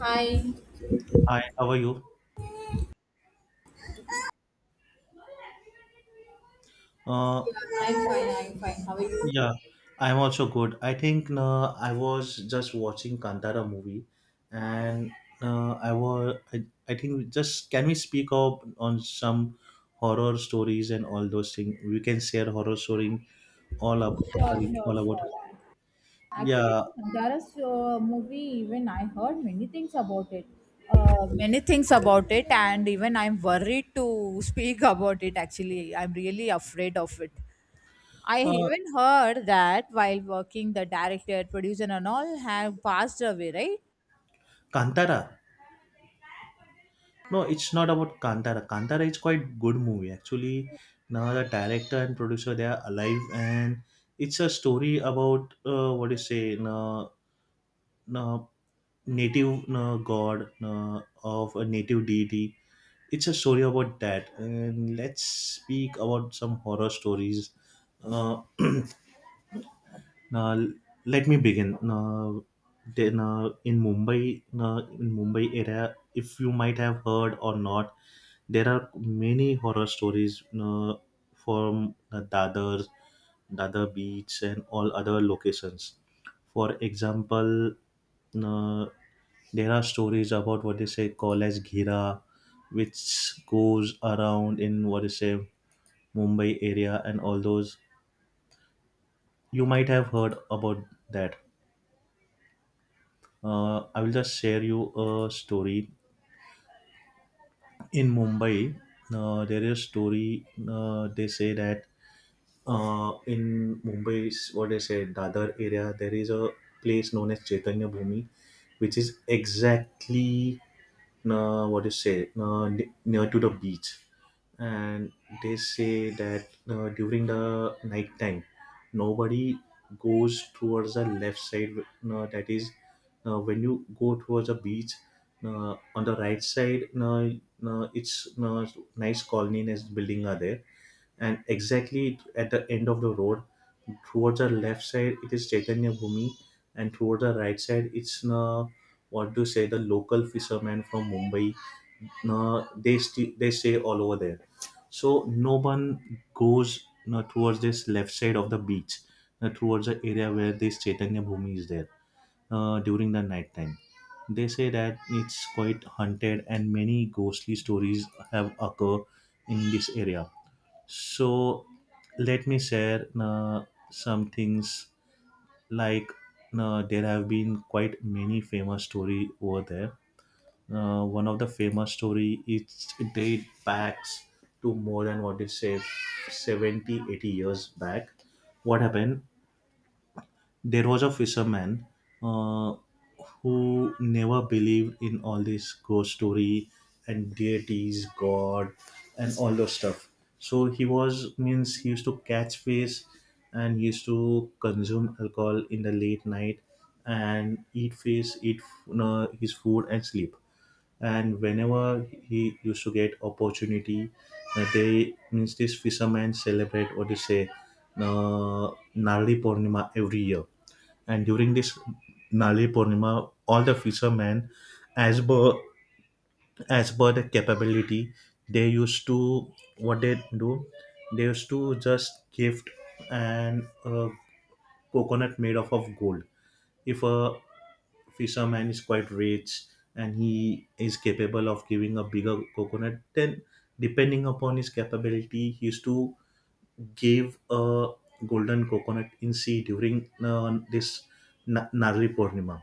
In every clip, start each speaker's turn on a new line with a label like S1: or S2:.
S1: Hi,
S2: Hi, how are you? Uh,
S1: I'm fine, I'm fine. How are you?
S2: yeah, I'm also good. I think I was just watching Kantara movie, and I think we just can we speak up on some horror stories and all those things? We can share horror story all up
S1: Sure,
S2: occurring
S1: sure,
S2: all about.
S1: sure. Actually,
S2: Yeah,
S1: Dara's movie, even I heard many things about it. Many things about it, and even I'm worried to speak about it. Actually, I'm really afraid of it. I
S2: uh,
S1: even heard that while working, the director, producer, and all have passed away, right?
S2: Kantara. No, it's not about Kantara. Kantara is quite good movie actually. Now the director and producer they are alive and it's a story about what do you say? No. uh, Native god of a native deity. It's a story about that. And let's speak about some horror stories. Uh, Now, let me begin. Now, then, in Mumbai area, if you might have heard or not, there are many horror stories from Dadar Beach, and all other locations. For example, uh, there are stories about what they say call as Ghira, which goes around in what they say Mumbai area and all those. You might have heard about that. I will just share you a story. In Mumbai, there is story. They say that in Mumbai's what they say Dadar area, there is a place known as Chaitanya Bhumi, which is exactly what you say near to the beach, and they say that during the night time nobody goes towards the left side, that is when you go towards the beach on the right side, it's nice colony nest building are there, and exactly at the end of the road towards the left side it is Chaitanya Bhumi, and towards the right side it's what to say the local fishermen from Mumbai, they stay all over there. So no one goes towards this left side of the beach, towards the area where this Chaitanya Bhumi is there, during the night time. They say that it's quite haunted and many ghostly stories have occurred in this area. So let me share some things, like there have been quite many famous story over there. One of the famous story is, date backs to more than what they say 70, 80 years back. What happened? There was a fisherman uh, who never believed in all this ghost story and deities, God, and all those stuff. So he was, means, he used to catch fish, and he used to consume alcohol in the late night and eat fish, his food and sleep, and whenever he used to get opportunity, they means this fishermen celebrate what you say uh, Nali Purnima every year. And during this Nali Purnima, all the fishermen, as per as per the capability, they used to, what they do, they used to just gift and coconut made of gold. If a fisherman is quite rich and he is capable of giving a bigger coconut, then depending upon his capability he used to give a golden coconut in sea during this Narli Purnima.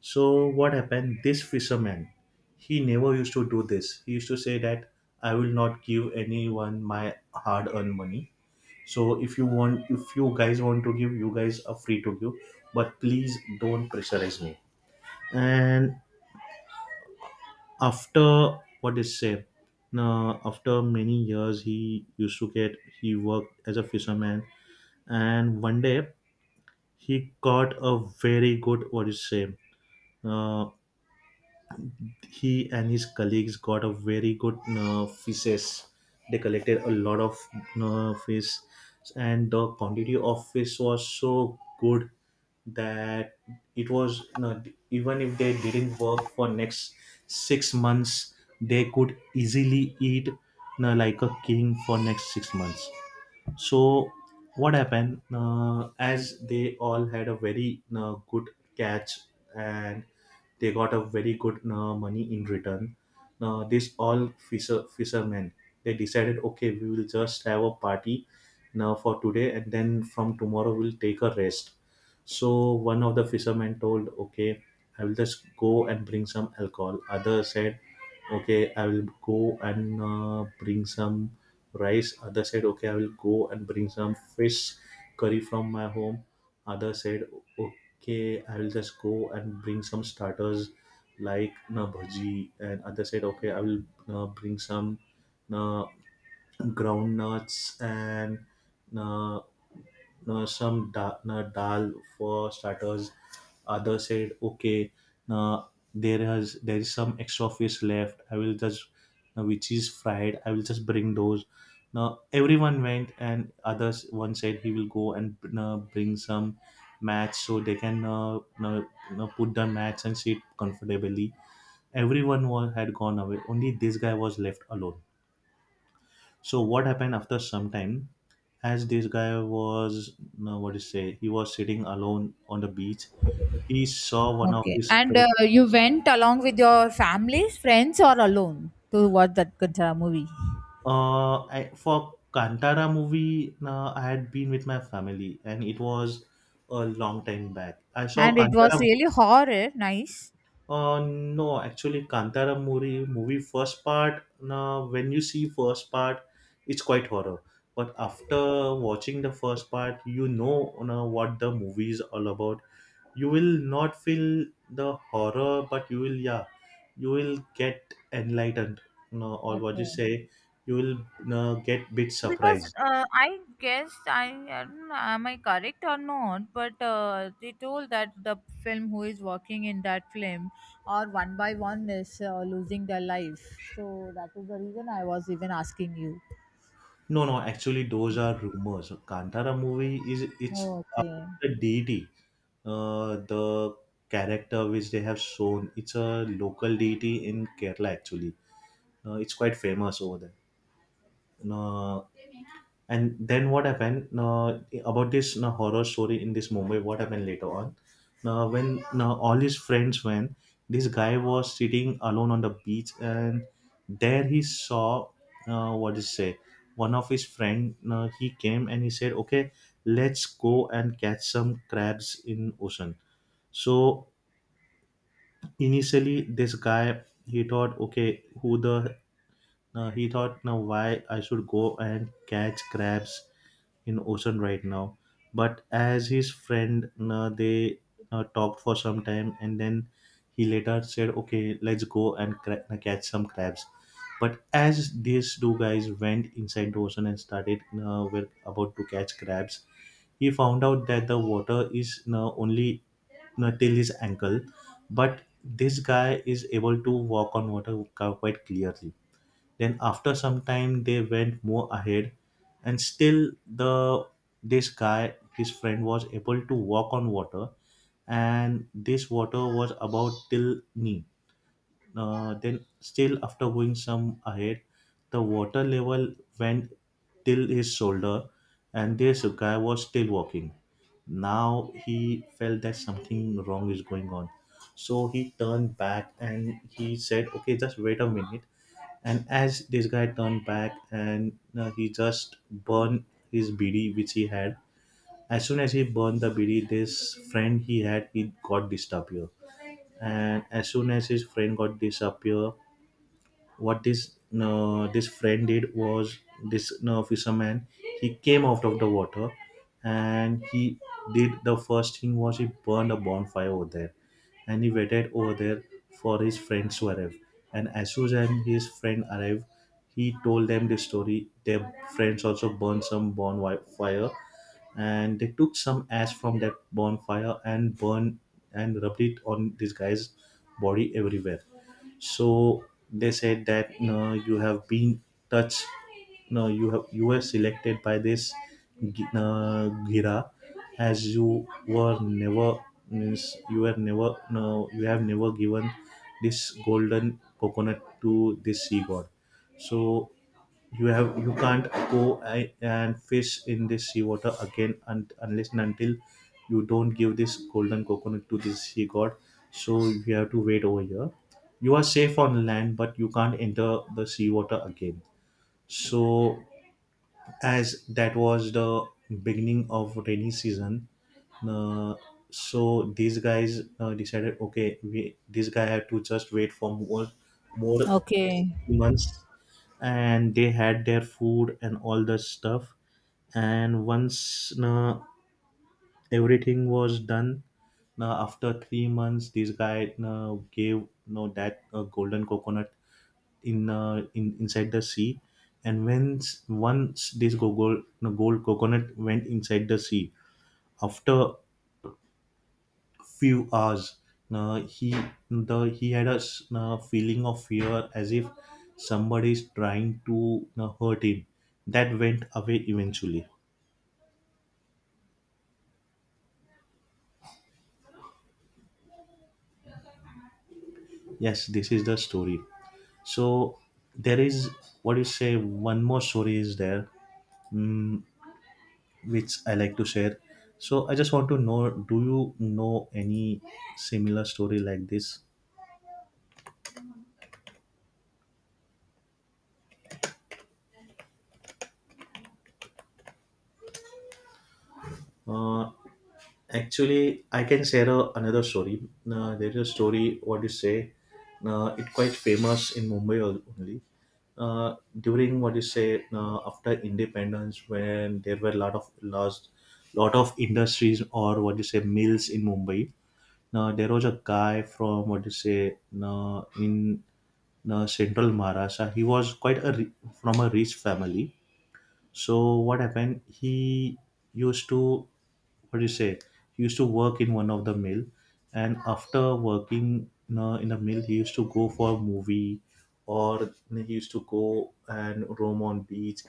S2: So what happened? This fisherman, he never used to do this. He used to say that I will not give anyone my hard-earned money. So if you want, if you guys want to give, you guys are free to give, but please don't pressurize me. And after what is say, now after many years he used to get he worked as a fisherman, and one day he caught a very good what is say uh, he and his colleagues got a very good fishes. They collected a lot of fish, and the quantity of fish was so good that it was not, even if they didn't work for next 6 months, they could easily eat, like a king for next 6 months. So what happened? As they all had a very good catch, and they got a very good money in return. Now these all fishermen, they decided, okay, we will just have a party now for today and then from tomorrow we'll take a rest. So one of the fishermen told, okay, I will just go and bring some alcohol. Other said, okay, I will go and bring some rice. Other said, okay, I will go and bring some fish curry from my home. Other said, okay, I will just go and bring some starters like na bhaji. And other said, okay, I will bring some na groundnuts and uh, some dal for starters. Others said, okay, uh, there is some extra fish left. I will just which is fried, I will just bring those. Now everyone went, and others one said he will go and bring some mats so they can uh, put the mats and sit comfortably. Everyone had gone away. Only this guy was left alone. So what happened? After some time, as this guy was no, what do say he was sitting alone on the beach, he saw one of
S1: Okay.
S2: his
S1: And
S2: friends.
S1: you went along with your families, friends, or alone to watch that Kantara movie?
S2: For Kantara movie, I had been with my family, and it was a long time back I saw
S1: And it
S2: Kantara.
S1: was really horror, nice.
S2: No, actually Kantara movie first part, when you see first part it's quite horror, but after watching the first part, you know what the movie is all about. You will not feel the horror, but you will yeah you will get enlightened. No, or what you
S1: Okay.
S2: say, you will, no, get bit
S1: Because
S2: surprised.
S1: I guess I don't know, am I correct or not? But they told that the film who is working in that film or one by one is losing their life. So that is the reason I was even asking you.
S2: No, no, actually those are rumors. Kantara movie is it's
S1: Okay.
S2: about the deity. The character which they have shown, it's a local deity in Kerala actually. It's quite famous over there. No. And then what happened about this horror story in this Mumbai? What happened later on? Now, when all his friends went, this guy was sitting alone on the beach, and there he saw what is say, one of his friend. He came and he said, "Okay, let's go and catch some crabs in ocean." So initially, this guy he thought, "Okay, who the, now why I should go and catch crabs in ocean right now." But as his friend, they talked for some time, and then he later said, "Okay, let's go and catch some crabs." But as these two guys went inside the ocean and were about to catch crabs, he found out that the water is only till his ankle, but this guy is able to walk on water quite clearly. Then after some time they went more ahead, and still the this guy his friend was able to walk on water, and this water was about till knee. Then, still after going some ahead, the water level went till his shoulder, and this guy was still walking. Now he felt that something wrong is going on. So he turned back and he said, "Okay, just wait a minute." And as this guy turned back and he just burned his BD, which he had. As soon as he burned the bidi, this friend he had, he got disappear. And as soon as his friend got disappear, what this friend did was, this fisherman, he came out of the water, and he did. The first thing was he burned a bonfire over there, and he waited over there for his friends to arrive. And as soon as his friend arrived, he told them the story. Their friends also burned some bonfire, and they took some ash from that bonfire and burned and rubbed it on this guy's body everywhere. So they said that, no, you have been touched. No, you were selected by this gira. As you were never, means you were never, no, you have never given this golden coconut to this sea god. So you can't go and fish in this seawater again, and unless and until you don't give this golden coconut to this sea god, so you have to wait over here. You are safe on land, but you can't enter the seawater again. So as that was the beginning of rainy season, uh, so these guys decided, okay, we this guy had to just wait for more
S1: Okay.
S2: 3 months. And they had their food and all the stuff. And once everything was done, after 3 months this guy gave, you know, that golden coconut in inside the sea. And when once this gold, no, gold coconut went inside the sea, after few hours, he the he had a feeling of fear as if somebody is trying to hurt him. That went away eventually. Yes, this is the story. So there is, what do you say One more story is there. Mm, which I like to share. So I just want to know, do you know any similar story like this? Uh, Actually, I can share another story. There is a story. What you say? It quite famous in Mumbai only. During what you say after independence, when there were a lot of lost, lot of industries or what you say mills in Mumbai. Now there was a guy from what you say in central Maharashtra. He was from a rich family, so what happened? He used to, what do you say? He used to work in one of the mill, and after working in in a mill, he used to go for a movie, or he used to go and roam on beach.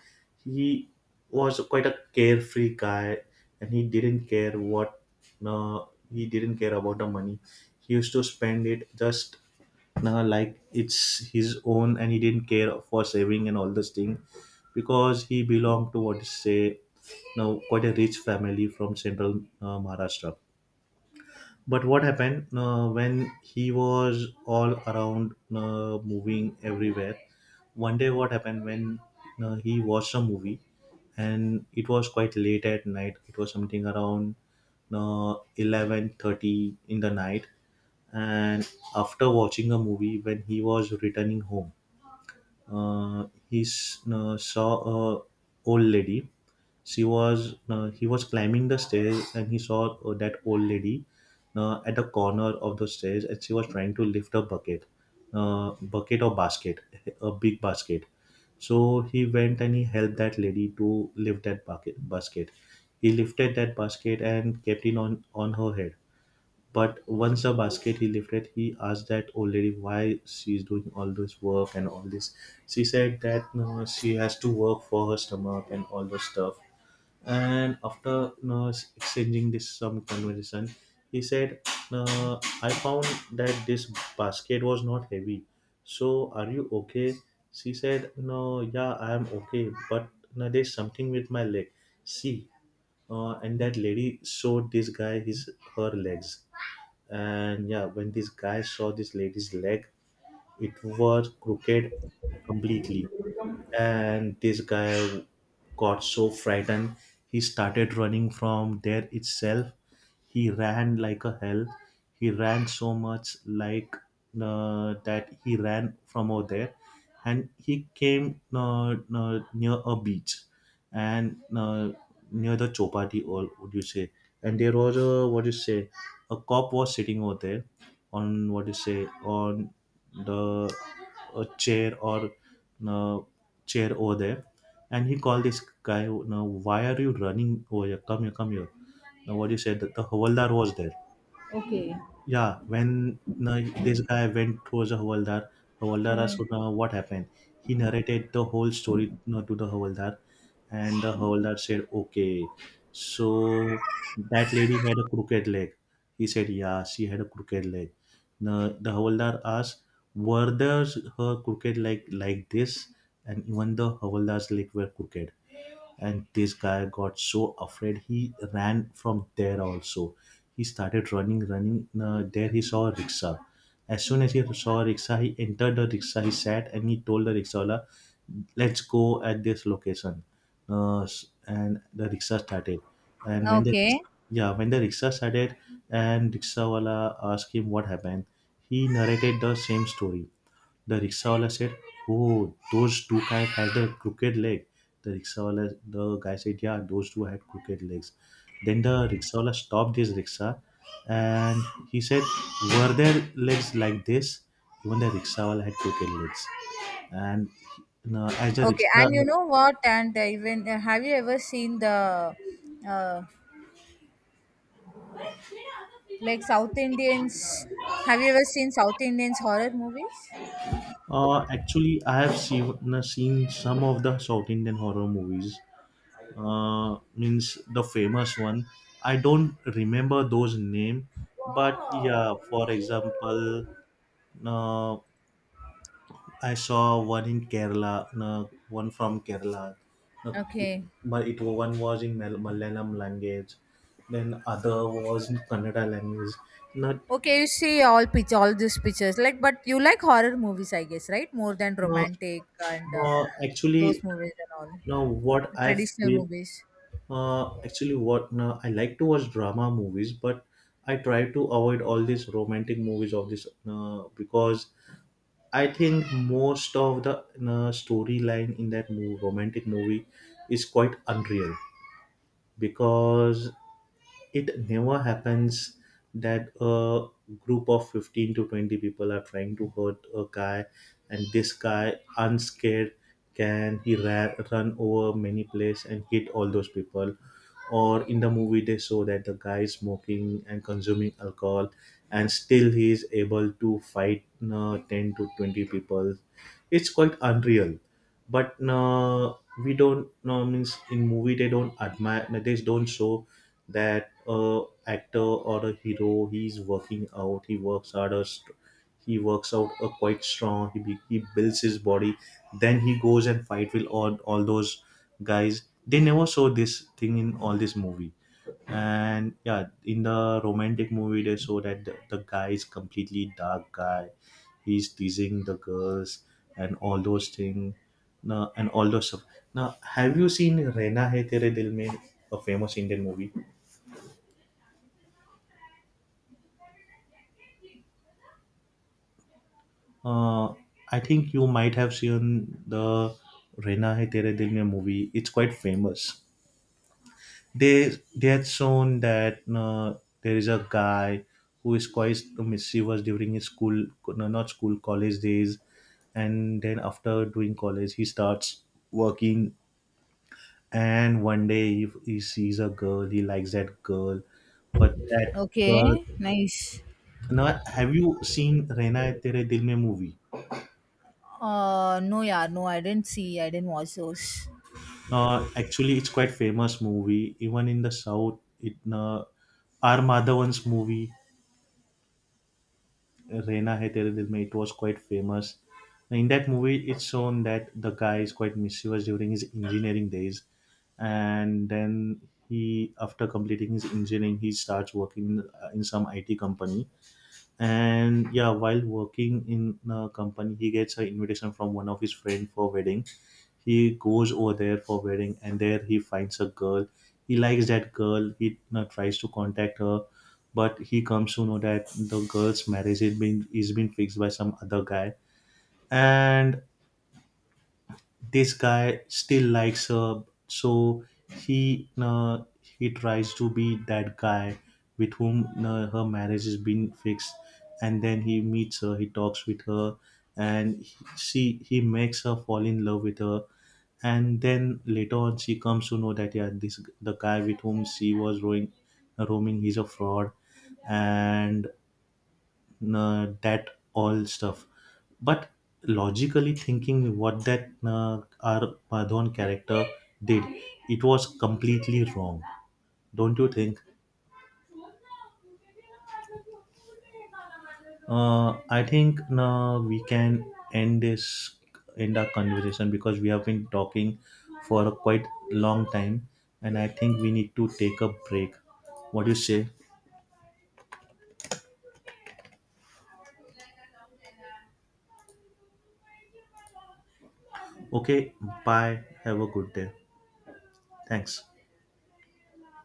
S2: He was quite a carefree guy, and he didn't care what. No, he didn't care about the money. He used to spend it just, no, like it's his own and he didn't care for saving and all this thing because he belonged to what is say now, quite a rich family from central Maharashtra. But what happened when he was all around moving everywhere? One day, what happened when he watched a movie and it was quite late at night. It was something around 11:30 in the night. And after watching a movie, when he was returning home, saw a old lady. She was, he was climbing the stairs and he saw that old lady at the corner of the stairs and she was trying to lift a bucket, bucket or basket, a big basket. So he went and he helped that lady to lift that bucket basket. He lifted that basket and kept it on her head, but once the basket he lifted, he asked that old lady why she's doing all this work and all this. She said that she has to work for her stomach and all those stuff, and after, you know, exchanging this some conversation, he said, "I found that this basket was not heavy, so are you okay?" She said, "No, yeah, I am okay, but no, there's something with my leg, see." And that lady showed this guy his, her legs. And yeah, when this guy saw this lady's leg, it was crooked completely. And this guy got so frightened, he started running from there itself. He ran like a hell. He ran so much, like, that he ran from over there and he came near a beach, and near the chopati, or would you say, and there was a, what you say, a cop was sitting over there on, what you say, on the, a chair or uh, chair over there, and he called this guy. Now, why are you running over here? Come here, come here. Now, what you said that the Havaldar was there.
S1: Okay.
S2: Yeah, when now, this guy went towards the Havaldar, Havaldar asked,
S1: Okay.
S2: now, what happened? He narrated the whole story now, to the Havaldar, and the howler said, okay, so that lady had a crooked leg. He said, yeah, she had a crooked leg. The howler asked, were there her crooked leg like this? And even the howler's leg were crooked, and this guy got so afraid he ran from there also. He started running. There he saw a rickshaw. As soon as he saw a rickshaw, he entered the rickshaw, he sat and he told the rickshaw, let's go at this location. And the rickshaw started, and when the,
S1: Okay.
S2: yeah, when the rickshaw started and rickshawala asked him what happened, he narrated the same story. The rickshawala said, "Oh, those two guys had a crooked leg." The rickshawala, the guy said, "Yeah, those two had crooked legs." Then the rickshawala stopped his rickshaw, and he said, "Were their legs like this?" Even the rickshawala had crooked legs, and as a
S1: Okay.
S2: rickshaw,
S1: And you know what? And even have you ever seen the uh, like South Indians? Have you ever seen South Indians horror movies?
S2: actually, I have seen some of the South Indian horror movies, means the famous one. I don't remember those name, but yeah, for example, uh, I saw one in Kerala, one from Kerala, uh,
S1: Okay.
S2: but it one was in Malayalam language, then other was in Kannada language. Not
S1: Okay, you see all pitch all these pictures. Like, but you like horror movies, I guess, right? More than
S2: uh,
S1: romantic and
S2: actually,
S1: those movies and all
S2: now what I
S1: traditional
S2: feel.
S1: movies.
S2: Actually, what no, I like to watch drama movies, but I try to avoid all these romantic movies of this because I think most of the storyline in that movie, romantic movie, is quite unreal because it never happens that a group of 15 to 20 people are trying to hurt a guy and this guy unscared, run over many places and hit all those people, or in the movie they show that the guy is smoking and consuming alcohol and still he is able to fight 10 to 20 people. It's quite unreal. But we don't no, means in movie they don't admire, they don't show that actor or a hero, he's working out, he works hard, he works out quite strong. He he builds his body, then he goes and fight with all those guys. They never show this thing in all this movie. And yeah, in the romantic movie they show that the guy is completely dark guy, he's teasing the girls and all those things, now, and all those stuff now. Have you seen Rena Hai Tere Dil Mein, a famous Indian movie? uh, I think you might have seen the Rena Hai Tere Dil Mein movie, it's quite famous. They had shown that there is a guy who is quite mischievous during his school no, not school, college days, and then after doing college he starts working, and one day he sees a girl, he likes that girl, but that
S1: Okay,
S2: girl.
S1: nice.
S2: Now, have you seen Rehna Hai Tere Dil Mein movie?
S1: No, yeah, no, I didn't see. I didn't watch those.
S2: Actually, it's quite famous movie, even in the south. It R Madhavan's movie, Reina Hai Tere Dil Mein, it was quite famous. In that movie, it's shown that the guy is quite mischievous during his engineering days, and then after completing his engineering, he starts working in some IT company, and yeah, while working in a company he gets an invitation from one of his friend for wedding. He goes over there for wedding and there he finds a girl, he likes that girl, he, you know, tries to contact her, but he comes to know that the girl's marriage is been fixed by some other guy, and this guy still likes her, so he tries to be that guy with whom her marriage has been fixed. And then he meets her, he talks with her, and he makes her fall in love with her. And then later on she comes to know that yeah, this, the guy with whom she was roaming, he's a fraud, and that all stuff. But logically thinking, what that our Madhon character did, it was completely wrong. Don't you think? I think now we can end this end our conversation because we have been talking for a quite long time, and I think we need to take a break. What do you say? Okay, bye, have a good day, thanks.